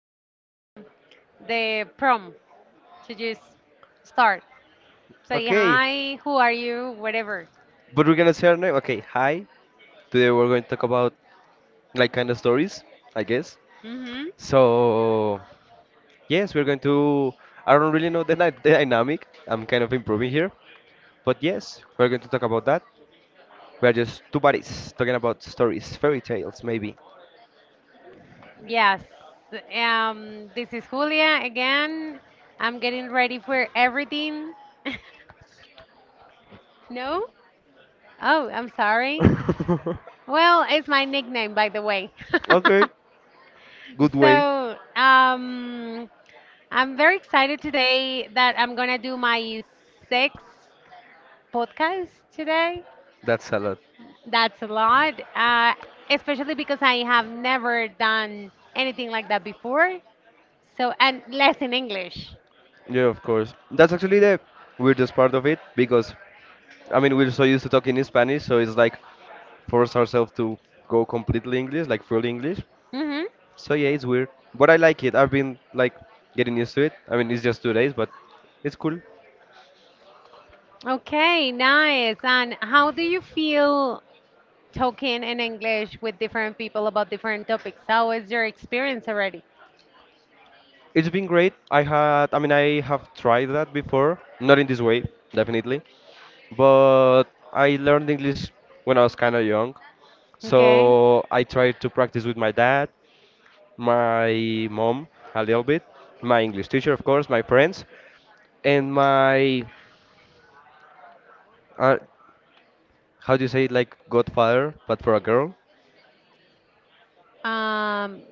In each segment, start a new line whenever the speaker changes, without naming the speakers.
get the prom to just start. Say
Okay,
hi, who are you, whatever.
but we're gonna say our name. Okay, hi. Today we're going to talk about like kind of stories, I guess.
Mm-hmm.
So yes, we're going to. I don't really know the dynamic. I'm kind of improving here, but yes, we're going to talk about that. We're just two buddies talking about stories, fairy tales, maybe.
Yes. This is Julia again. I'm getting ready for everything. No? Oh, I'm sorry. Well, it's my nickname, by the way.
Okay, good way.
So, I'm very excited today that I'm gonna do my sixth podcast today.
That's a lot.
That's a lot, especially because I have never done anything like that before. So, and less in English.
Yeah, of course. That's actually the weirdest part of it because I mean we're so used to talking in Spanish, so it's like force ourselves to go completely English, like full English.
hmm
So yeah, it's weird, but I like it. I've been like getting used to it. I mean, it's just 2 days, but it's cool.
Okay, nice. And how do you feel talking in English with different people about different topics? How is your experience already?
It's been great. I had, I mean, I have tried that before, not in this way, definitely, but I learned English when I was kind of young.
Okay.
So I tried to practice with my dad, my mom a little bit, my English teacher, of course, my friends, and my uh, how do you say it, like godfather, but for a girl.
Um,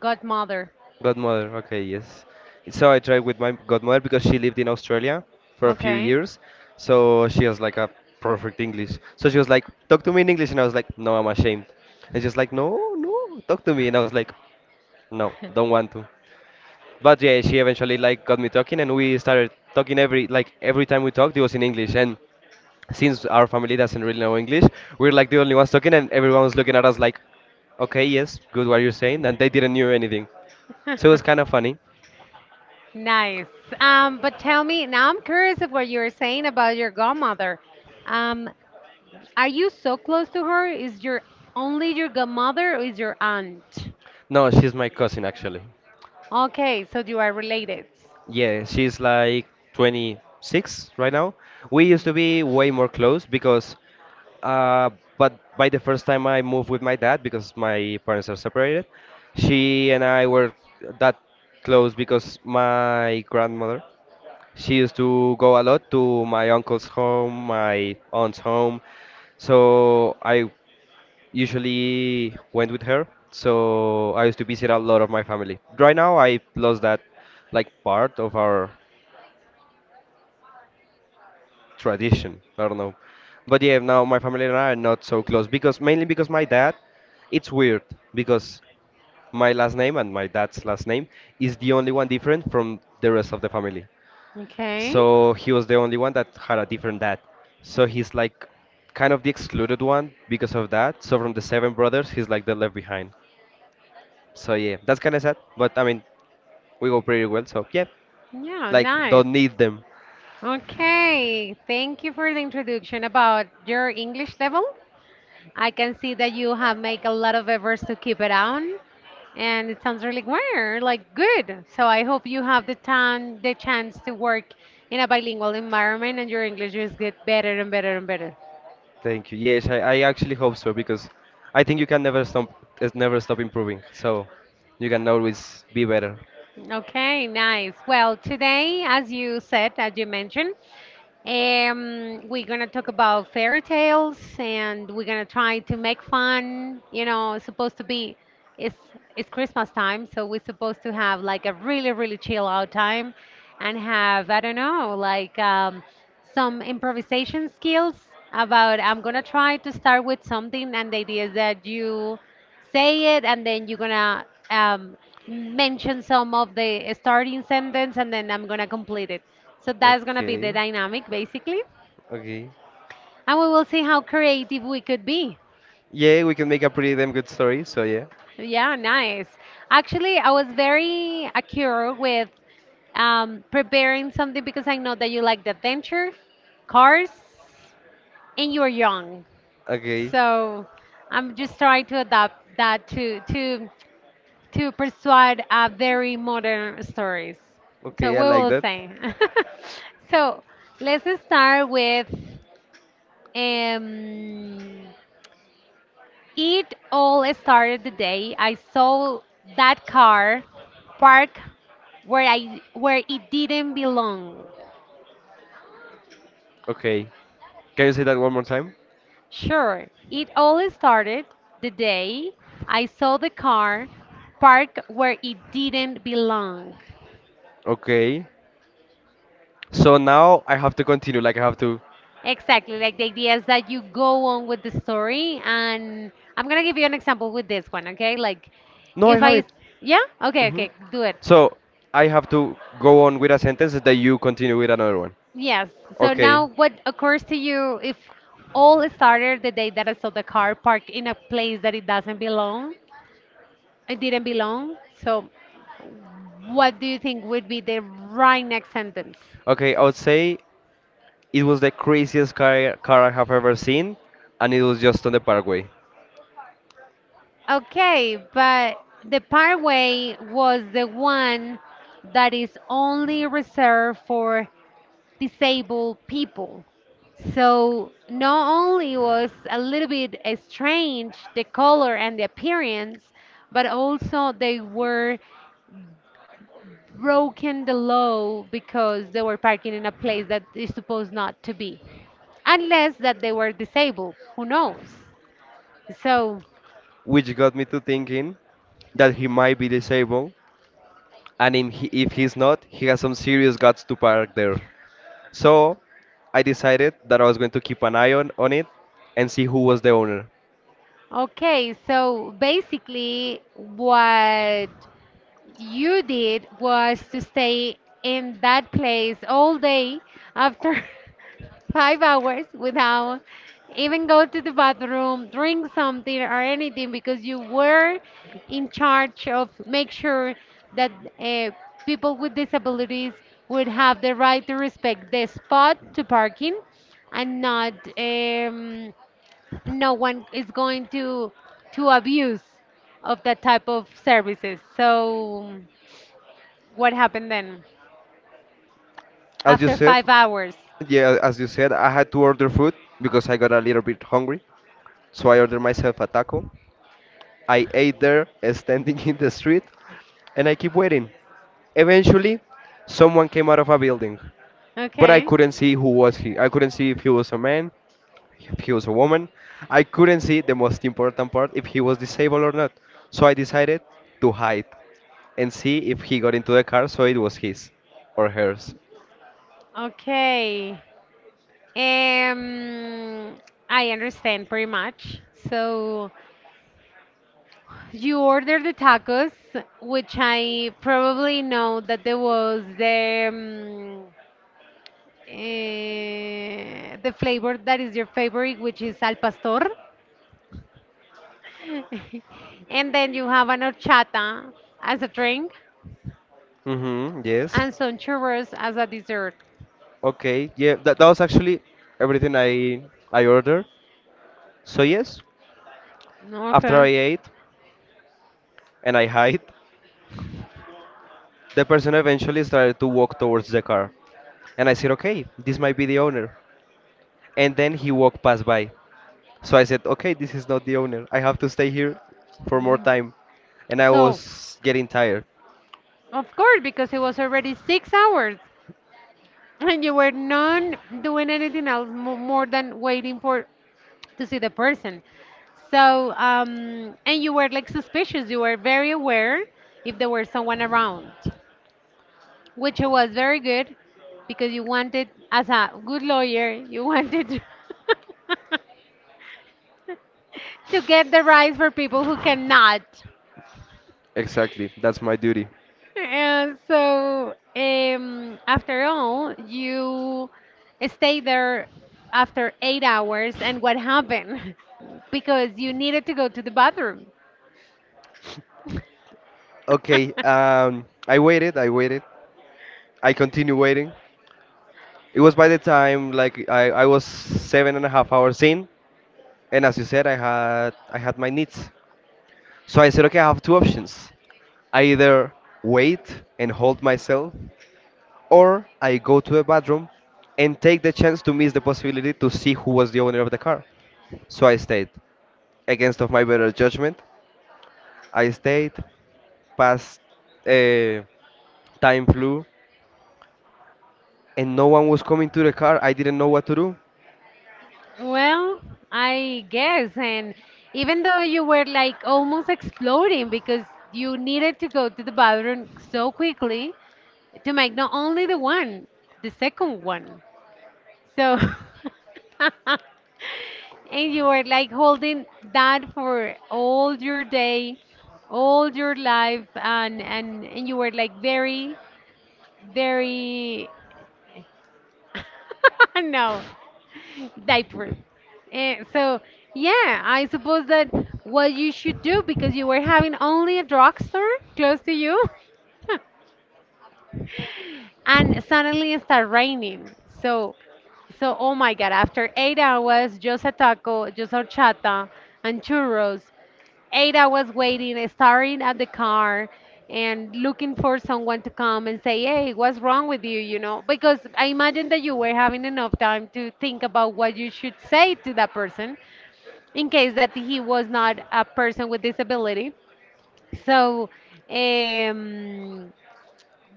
godmother.
Godmother, okay, yes. So I tried with my godmother because she lived in Australia for a few
Okay.
years. So she has like a perfect English. So she was like, talk to me in English. And I was like, no, I'm ashamed. And she was like, no, no, talk to me. And I was like, no, don't want to. But yeah, she eventually like got me talking and we started talking every, like every time we talked, it was in English. And since our family doesn't really know English, we're like the only ones talking and everyone was looking at us like, okay, yes, good what you're saying. And they didn't knew anything. So it was kind of funny.
Nice. But tell me, now I'm curious of what you were saying about your godmother. Um, Are you so close to her? Is your only your godmother or is your aunt?
No, she's my cousin actually.
Okay, so you are related.
Yeah, she's like 26 right now. We used to be way more close because, uh, but by the first time I moved with my dad, because my parents are separated, she and I were that close because my grandmother, she used to go a lot to my uncle's home, my aunt's home. So I usually went with her. So I used to visit a lot of my family. Right now, I lost that like part of our tradition. I don't know. But yeah, now my family and I are not so close because mainly because my dad, it's weird because my last name and my dad's last name is the only one different from the rest of the family.
Okay.
So he was the only one that had a different dad. So he's like kind of the excluded one because of that. So from the seven brothers, he's like the left behind. So yeah, that's kind of sad, but I mean, we go pretty well. So yeah,
Yeah,
like
nice.
don't need them.
Okay, thank you for the introduction about your English level. I can see that you have made a lot of efforts to keep it on, and it sounds really well, like good. So I hope you have the time, the chance to work in a bilingual environment, and your English is get better and better and better.
Thank you. Yes, I actually hope so because I think you can never stop, it's never stop improving. So you can always be better.
Okay, nice. Well, today, as you said, as you mentioned, we're gonna talk about fairy tales and we're gonna try to make fun. You know, it's supposed to be it's it's Christmas time, so we're supposed to have like a really, really chill out time and have, I don't know, like some improvisation skills about I'm gonna try to start with something and the idea is that you say it and then you're gonna um, mention some of the starting sentence and then I'm gonna complete it. So that's gonna be the
Okay,
dynamic basically.
okay.
And we will see how creative we could be.
Yeah, we can make a pretty damn good story. So yeah.
Yeah, nice. Actually, I was very accurate with preparing something because I know that you like the adventure, cars, and you're young.
Okay,
So I'm just trying to adapt that to persuade a very modern stories. So
okay, I
we
like
will
that.
say. So let's start with um, it all started the day I saw that car park where I where it didn't belong.
Okay, can you say that one more time?
Sure, it all started the day I saw the car park where it didn't belong.
Okay. So now I have to continue. Like I have to.
Exactly, like the idea is that you go on with the story, and I'm gonna give you an example with this one, okay? Like,
No, I
if
have
I, s-
it.
yeah, okay,
hmm
okay, do it.
So I have to go on with a sentence that you continue with another one.
Yes. So
Okay,
now, what occurs to you if all started the day that I saw the car parked in a place that it doesn't belong? It didn't belong. So, what do you think would be the right next sentence?
okay, I would say it was the craziest car I have ever seen, and it was just on the parkway,
Okay, but the parkway was the one that is only reserved for disabled people. So not only was a little bit strange the color and the appearance, but also they were broken the law because they were parking in a place that is supposed not to be, unless that they were disabled. Who knows? So.
which got me to thinking that he might be disabled, and if he's not, he has some serious guts to park there. So I decided that I was going to keep an eye on it and see who was the owner.
Okay, so basically, what you did was to stay in that place all day after 5 hours without even go to the bathroom, drink something or anything because you were in charge of make sure that uh, people with disabilities would have the right to respect the spot to parking and not no one is going to abuse of that type of services. So what happened then
As you
after
said,
5 hours?
yeah, as you said, I had to order food because I got a little bit hungry. So I ordered myself a taco. I ate there, standing in the street, and I keep waiting. Eventually, someone came out of a building, but I
Okay,
couldn't see who was he. I couldn't see if he was a man, if he was a woman. I couldn't see the most important part if he was disabled or not. So I decided to hide and see if he got into the car, so it was his or hers.
okay. Um, I understand pretty much. So you ordered the tacos, which I probably know that there was the the flavor that is your favorite, which is al pastor. And then you have an horchata as a drink
Mm-hmm. Yes.
and some churros as a dessert.
Okay. Yeah. That was actually everything I ordered. So yes, after I
Okay.
ate and I hide, the person eventually started to walk towards the car, and I said, okay, this might be the owner. And then he walked past by. So I said, okay, this is not the owner. I have to stay here for more time. And I
So,
was getting tired.
of course, because it was already 6 hours and you were not doing anything else more than waiting for to see the person. So, and you were like suspicious. You were very aware if there were someone around, which was very good because you wanted, as a good lawyer, you wanted to get the rights for people who cannot.
Exactly, that's my duty.
And so, after all, you stay there after 8 hours, and what happened? Because you needed to go to the bathroom.
Okay, I waited. I continued waiting. It was by the time like I was seven and a half hours in, and as you said, I had my needs. So I said, okay, I have two options. I either wait and hold myself, or I go to a bathroom and take the chance to miss the possibility to see who was the owner of the car. So I stayed. Against of my better judgment, I stayed. Past uh, time flew, and no one was coming to the car. I didn't know what to do.
Well, I guess. And even though you were like almost exploding because you needed to go to the bathroom so quickly to make not only the one, the second one. So, and you were like holding that for all your day, all your life, and you were like very, very, no, diaper. Eh, so yeah, I suppose that what you should do because you were having only a drugstore close to you. And suddenly it started raining. So, so oh my god! After 8 hours, just a taco, just horchata, and churros. 8 hours waiting, staring at the car, and looking for someone to come and say, "Hey, what's wrong with you?" You know, because I imagine that you were having enough time to think about what you should say to that person in case that he was not a person with disability. So, um,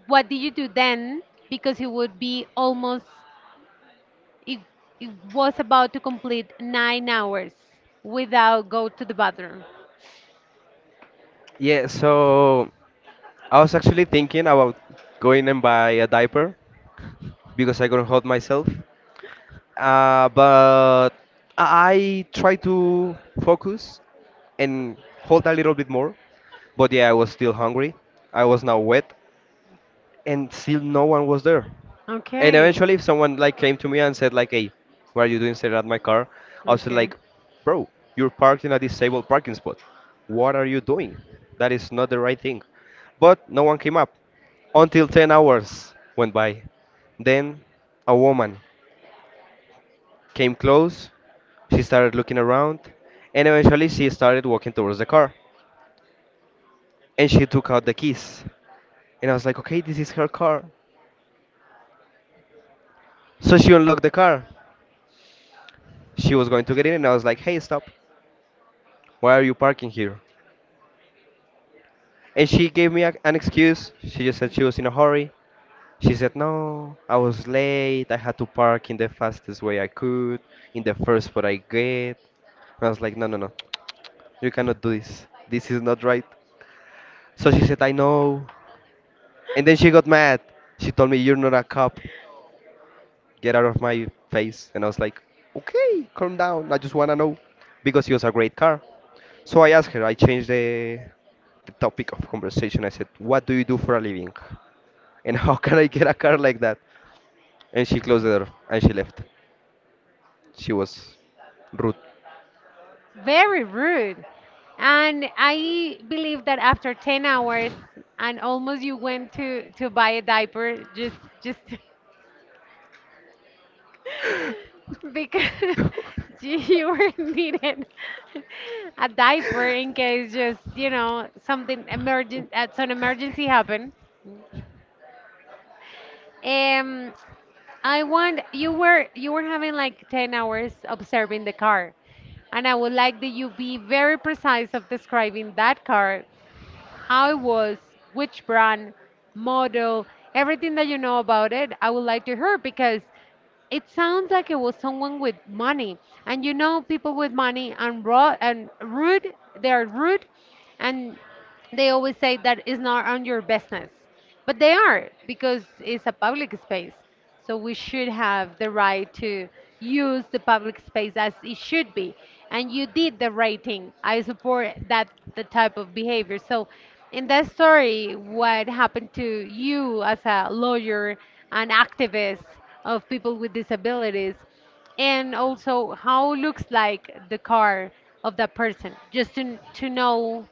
what did you do then? Because it would be almost, it, it was about to complete 9 hours without go to the bathroom.
Yeah, so I was actually thinking about going and buy a diaper because I couldn't hold myself. But I try to focus and hold a little bit more. But yeah, I was still hungry. I was now wet, and still no one was there. And
Okay.
eventually, if someone like came to me and said like, "Hey, what are you doing staring at my car?" I was
Okay.
like, "Bro, you're parked in a disabled parking spot. What are you doing? That is not the right thing." But no one came up until 10 hours went by. Then a woman came close. She started looking around, and eventually she started walking towards the car. And she took out the keys. And I was like, okay, this is her car. So she unlocked the car. She was going to get in, and I was like, hey, stop. Why are you parking here? And she gave me an excuse. She just said she was in a hurry. She said, no, I was late. I had to park in the fastest way I could, in the first spot I get. And I was like, no, no, no, you cannot do this. This is not right. So she said, I know. And then she got mad. She told me, you're not a cop. Get out of my face. And I was like, okay, calm down. I just want to know because it was a great car. So I asked her, I changed the topic of conversation. I said, what do you do for a living? And how can I get a car like that? And she closed the door and she left. She was rude.
Very rude. And I believe that after 10 hours and almost you went to buy a diaper just because you were needed a diaper in case just, you know, something emergent some emergency happened. Um, I want you were having like 10 hours observing the car. And I would like that you be very precise of describing that car, how it was, which brand, model, everything that you know about it. I would like to hear because it sounds like it was someone with money. And you know people with money and raw and rude, they are rude and they always say that it's not on your business, but they are because it's a public space. So we should have the right to use the public space as it should be. And you did the right thing. I support that the type of behavior. So in that story, what happened to you as a lawyer and activist of people with disabilities, and also how looks like the car of that person, just to know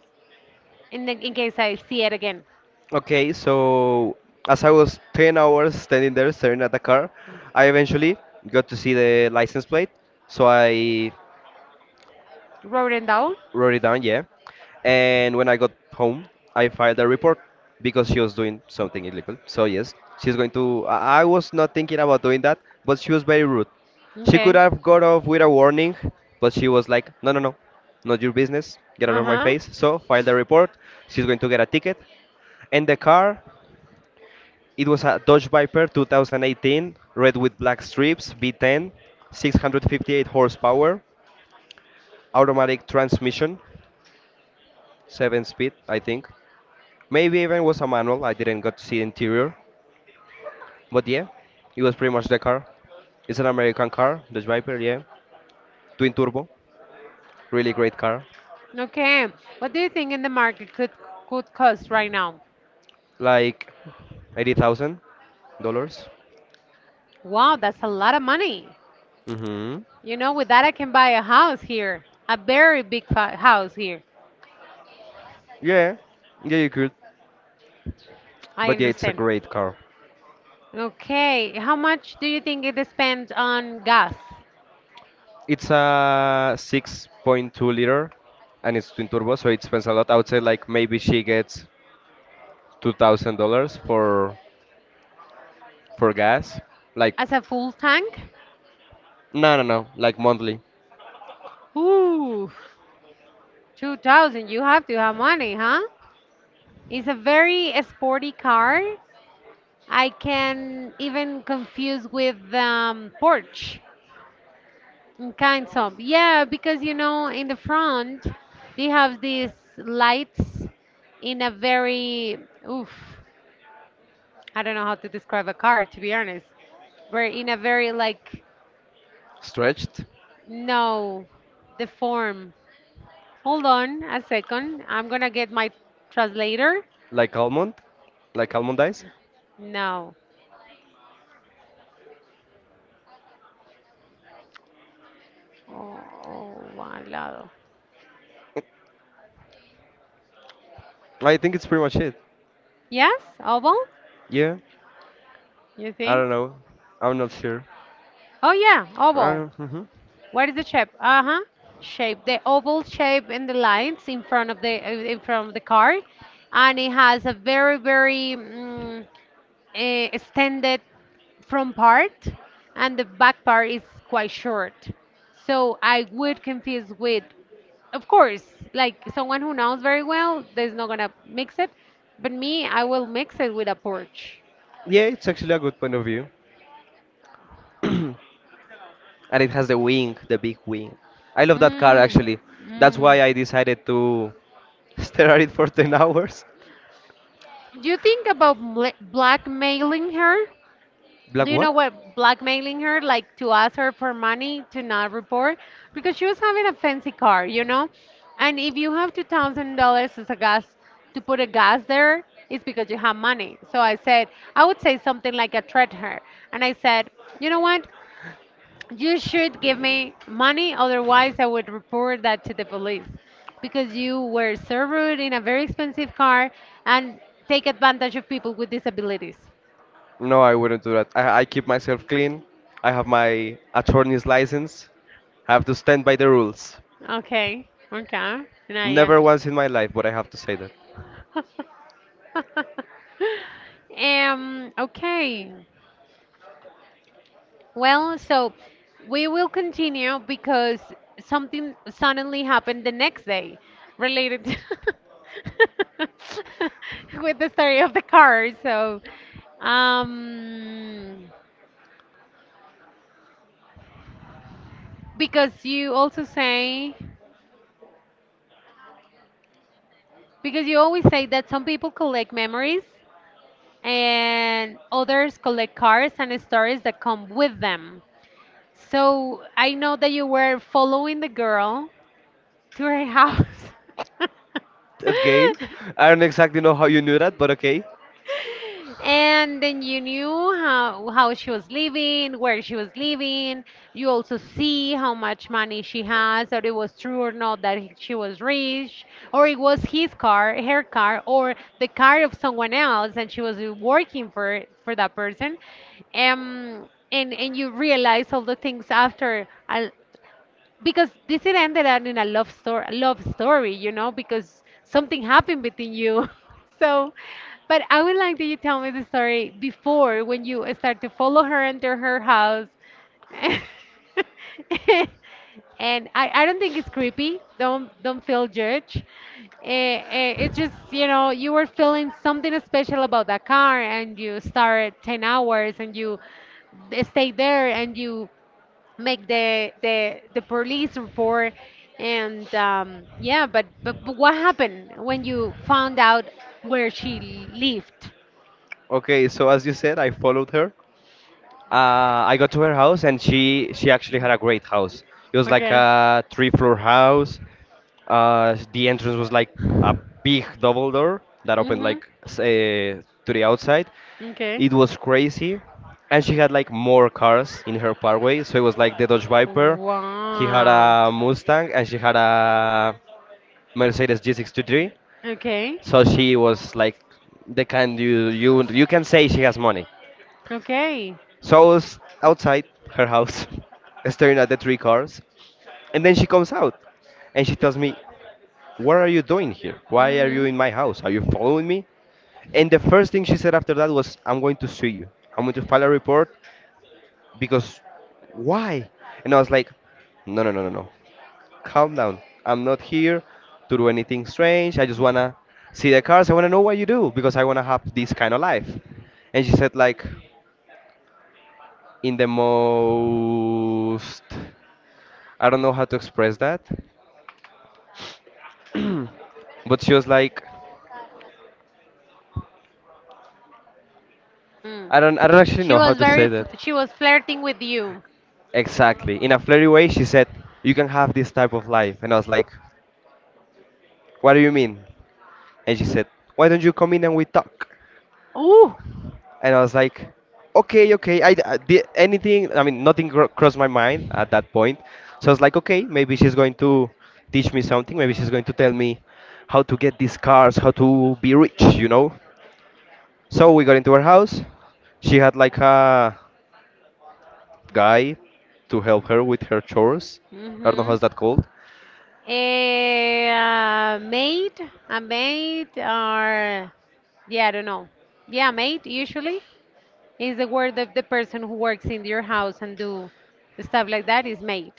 in case I see it again.
Okay, so as I was 10 hours standing there staring at the car, I eventually got to see the license plate. So I
Wrote it down.
wrote it down, yeah. And when I got home, I filed a report because she was doing something illegal. So yes, she's going to. I was not thinking about doing that, but she was very rude. She could
Okay.
have got off with a warning, but she was like, "No, no, no, not your business. Get out of my
Uh-huh.
face." So filed a report. She's going to get a ticket. And the car, it was a Dodge Viper 2018, red with black strips, V10, 658 horsepower, automatic transmission, 7 speed, I think. Maybe even was a manual. I didn't got to see the interior, but yeah, it was pretty much the car. It's an American car, Dodge Viper, yeah, twin turbo, really great car,
Okay. What do you think in the market could cost right now?
like $80,000.
Wow, that's a lot of money.
Mm-hmm.
You know, with that I can buy a house here, a very big house here.
Yeah, yeah, you could,
I
but yeah, it's a
understand.
great car.
Okay. How much do you think it spends on gas
It's a 6.2 liter, and it's twin turbo, so it spends a lot. I would say like maybe she gets $2,000 for gas, like
as a full tank?
no, no, no, like monthly
Ooh, 2000. You have to have money, huh? It's a very sporty car. I can even confuse with porch and kinds of. Yeah, because you know, in the front, they have these lights in a very, oof, I don't know how to describe a car, to be honest. We're in a very, like,
stretched.
no, the form. Hold on a second. I'm gonna get my translator.
Like almond? Like almond ice?
No. Oh, al lado.
I think it's pretty much it.
Yes? Oval?
Yeah,
You
I
think?
don't know. I'm not sure.
Oh, yeah, oval.
Uh, hmm
What is the shape? Uh-huh. Shape, the oval shape and the lines in front of the in front of the car, and it has a very very extended front part, and the back part is quite short. So I would confuse with, of course, like someone who knows very well, there's not gonna mix it, but me, I will mix it with a Porsche.
Yeah, it's actually a good point of view. And it has the wing, the big wing. I love that car
Mm,
actually. That's
mm.
why I decided to stare at it for 10 hours.
Do you think about blackmailing her? Do
Black
you
what?
know what blackmailing her like to ask her for money to not report because she was having a fancy car, you know, and if you have $2,000 as a gas to put a gas there, it's because you have money. So I said I would say something like a threat her, and I said, you know what, you should give me money, otherwise I would report that to the police because you were so rude in a very expensive car and take advantage of people with disabilities.
No, I wouldn't do that. I keep myself clean. I have my attorney's license. I have to stand by the rules.
Okay. Okay. And I
Never
understand.
once in my life, but I have to say that.
Um. Okay. Well, so we will continue because something suddenly happened the next day related to with the story of the car. So, um, because you also say because you always say that some people collect memories and others collect cards and stories that come with them. So I know that you were following the girl to her house.
Okay. I don't exactly know how you knew that, but okay.
And then you knew how she was living, where she was living. You also see how much money she has, or it was true or not that she was rich, or it was his car, her car, or the car of someone else, and she was working for that person. And you realize all the things after, because this it ended up in a love story a love story because something happened between you so but I would like that you tell me the story before, when you start to follow her into her house. And I don't think it's creepy. Don't feel judged. It's just, you know, you were feeling something special about that car, and you started 10 hours and you stayed there and you make the police report. And yeah, but what happened when you found out where she lived?
Okay, so as you said, I followed her. I got to her house, and she actually had
Mm.
a great house. It was like
Okay.
a three-floor house. The entrance was like a big double door that opened
Hmm.
like to the outside.
Okay.
It was crazy, and she had like more cars in her parkway. So it was like the Dodge Viper. He had
Wow.
a Mustang, and she had a Mercedes G63.
Okay.
So she was like the kind you can say she has money.
Okay.
So I was outside her house, staring at the three cars, and then she comes out, and she tells me, "What are you doing here? Why are you
Mm-hmm.
in my house? Are you following me?" And the first thing she said after that was, "I'm going to sue you. I'm going to file a report because why?" And I was like, "No, no, no, no, no. Calm down. I'm not here to do anything strange. I just wanna see the cars. I wanna know what you do because I wanna have this kind of life." And she said like in the most, I don't know how to express that. But she was like,
Mm.
I don't actually know how to say that.
She was flirting with you.
Exactly. In a flirty way she said, "You can have this type of life," and I was like, "What do you mean?" And she said, "Why don't you come in and we talk?"
Oh.
And I was like, okay, okay. I did anything. I mean, nothing cro- crossed my mind at that point. So I was like, okay, maybe she's going to teach me something. Maybe she's going to tell me how to get these cars, how to be rich, you know. So we got into her house. She had like a guy to help her with her chores. I don't know
Hmm.
how's that called.
A maid, a maid, or yeah, I don't know. Yeah, maid usually is the word of the person who works in your house and do stuff like that is maid.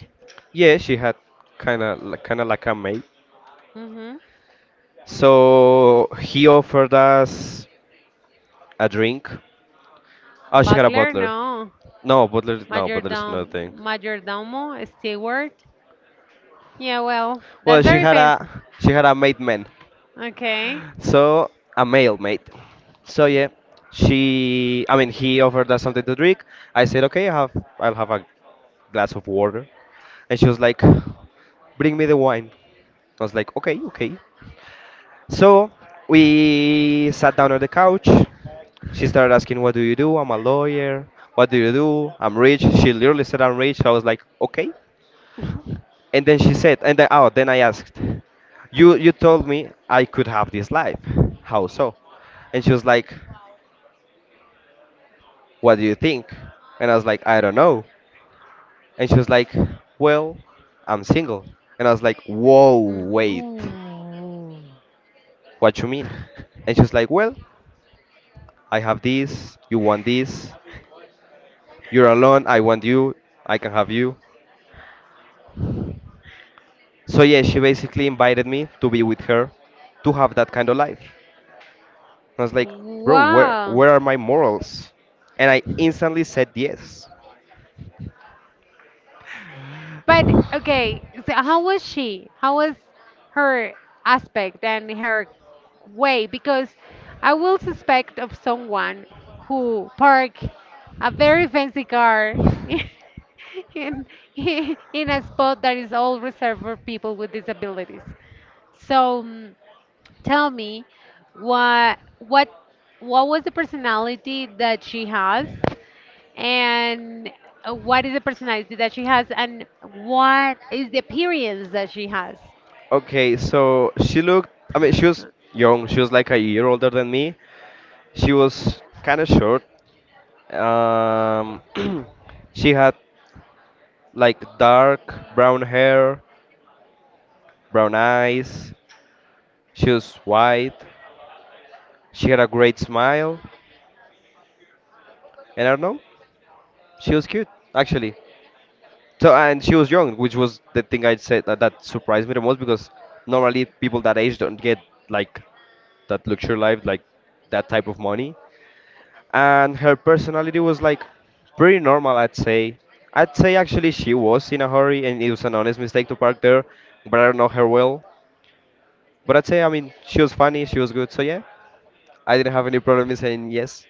Yeah, she had kind of like a maid.
Hmm.
So he offered us a drink. Oh, she had a
Butler,
butler.
no.
No, butler. No, butler is another
Majordom,
thing.
majordomo, steward. Yeah, well,
Well,
that's very fancy.
she had a mate man,
Okay.
so a male mate. So yeah, she I mean he offered us something to drink. I said okay, I'll have a glass of water, and she was like, "Bring me the wine." I was like, okay, okay. So we sat down on the couch. She started asking, "What do you do?" "I'm a lawyer. What do you do?" "I'm rich." She literally said, "I'm rich." I was like, okay. And then she said, and then, oh, then I asked, "You told me I could have this life. How so?" And she was like, "What do you think?" And I was like, "I don't know." And she was like, "Well, I'm single." And I was like, "Whoa,
Mm,
wait,
ooh.
what you mean?" And she was like, "Well, I have this. You want this? You're alone. I want you. I can have you." So yeah, she basically invited me to be with her, to have that kind of life. I was like, "Bro,
Wow.
where are my morals?" And I instantly said yes.
But okay, so how was she? How was her aspect and her way? Because I will suspect of someone who park a very fancy car in in a spot that is all reserved for people with disabilities. So mm, tell me, what what what was the personality that she has? And what is the personality that she has, and what is the appearance that she has?
Okay, so she looked, I mean, she was young. She was like a year older than me. She was kind of short. Um, she had like dark brown hair, brown eyes. She was white. She had a great smile. And I don't know, she was cute, actually. So, and she was young, which was the thing I'd say that surprised me the most because normally people that age don't get like that luxury life, like that type of money. And her personality was like pretty normal, I'd say. I'd say actually she was in a hurry and it was an honest mistake to park there, but I don't know her well. But I'd say, I mean, she was funny, she was good, so yeah. I didn't have any problem in saying yes.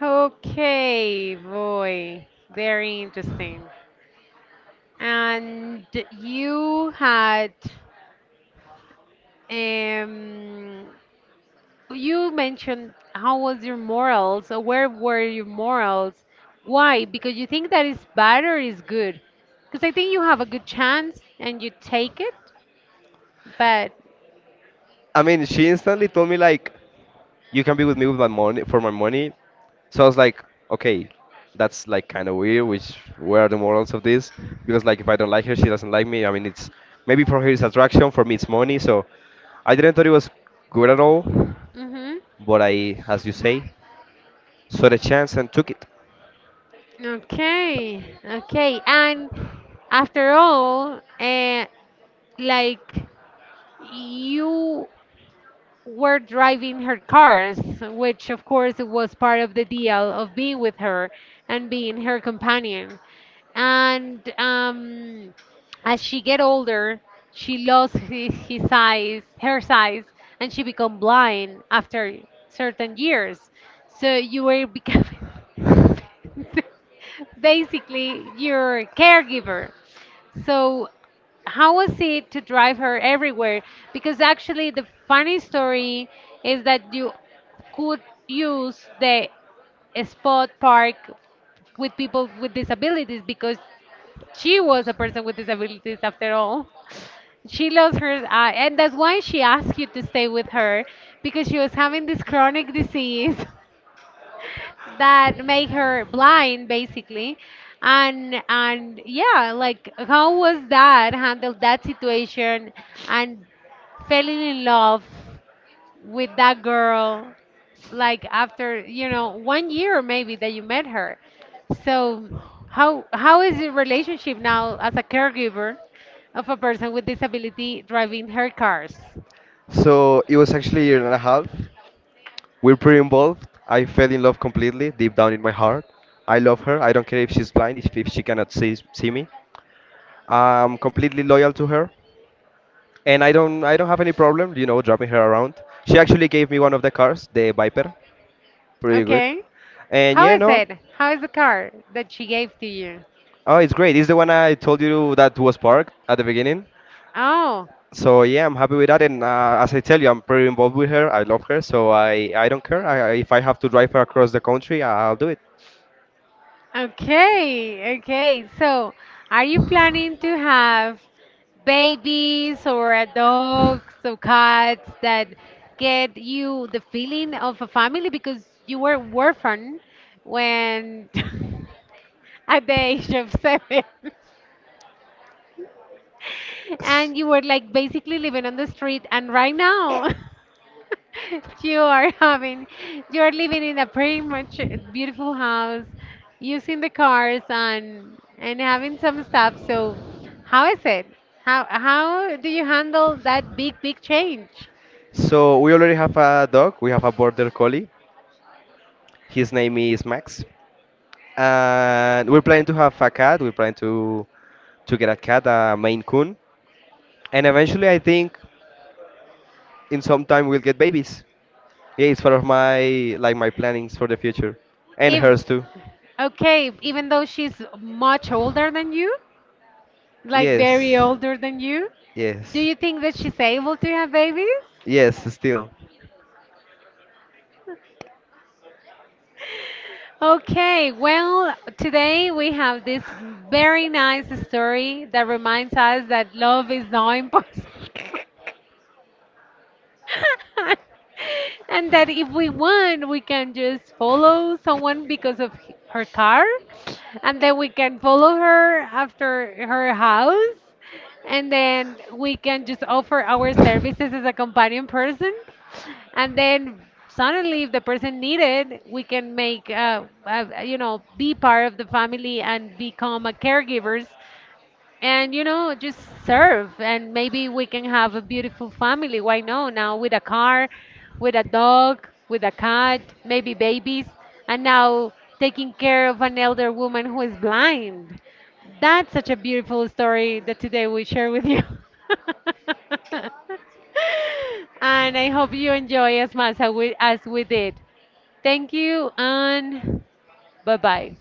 Okay, boy, very interesting. And you had um you mentioned, how was your morals, or where were your morals? Why? Because you think that is bad or is good? Because I think you have a good chance and you take it, but
I mean, she instantly told me like, "You can be with me, with my money, for my money." So I was like, okay, that's like kind of weird. Which, where are the morals of this? Because like, if I don't like her, she doesn't like me. I mean, it's maybe for her it's attraction, for me it's money. So I didn't thought it was good at all,
Mm-hmm.
but I, as you say, saw the chance and took it.
Okay, okay. And after all, like, you were driving her cars, which of course it was part of the deal of being with her and being her companion. And as she get older, she lost his size, her size, and she become blind after certain years. So you were becoming basically your caregiver. So how was it to drive her everywhere? Because actually, the funny story is that you could use the spot park with people with disabilities because she was a person with disabilities after all. She lost her eye, and that's why she asked you to stay with her because she was having this chronic disease, that made her blind basically. And yeah, like, how was that handled, that situation, and falling in love with that girl, like, after, you know, one year maybe, that you met her? So how is your relationship now as a caregiver of a person with disability driving her cars?
So it was actually a year and a half. We're pretty involved. I fell in love completely, deep down in my heart. I love her. I don't care if she's blind, if she cannot see me. I'm completely loyal to her. And I don't have any problem, you know, dropping her around. She actually gave me one of the cars, the Viper, pretty good.
Okay.
And
How
yeah,
is
no,
it? How is the car that she gave to you?
oh, it's great. It's the one I told you that was parked at the beginning.
Oh.
So yeah, I'm happy with that. And as I tell you, I'm pretty involved with her. I love her, so I don't care. If I have to drive her across the country, I'll do it.
Okay, okay. So, are you planning to have babies or a dogs or cats that get you the feeling of a family, because you were orphan when at the age of seven? And you were, like, basically living on the street, and right now you are having, you are living in a pretty much beautiful house, using the cars and having some stuff. So how is it? How do you handle that big change?
So we already have a dog. We have a border collie. His name is Max, and we're planning to have a cat. We're planning to get a cat, a Maine Coon, and eventually I think in some time we'll get babies. Yeah, it's part of my plannings for the future, and
If
hers too.
okay, even though she's much older than you, like very
Yes,
older than you, do
yes,
you think that she's able to have babies?
yes. Still.
Okay, well, today we have this very nice story that reminds us that love is not impossible. And that if we want, we can just follow someone because of her car, and then we can follow her after her house, and then we can just offer our services as a companion person, and then suddenly, if the person needed, we can make you know, be part of the family and become a caregivers, and, you know, just serve. And maybe we can have a beautiful family, why no, now with a car, with a dog, with a cat, maybe babies. And now, taking care of an elder woman who is blind. That's such a beautiful story that today we share with you. And I hope you enjoy as much as we did. Thank you, and bye bye.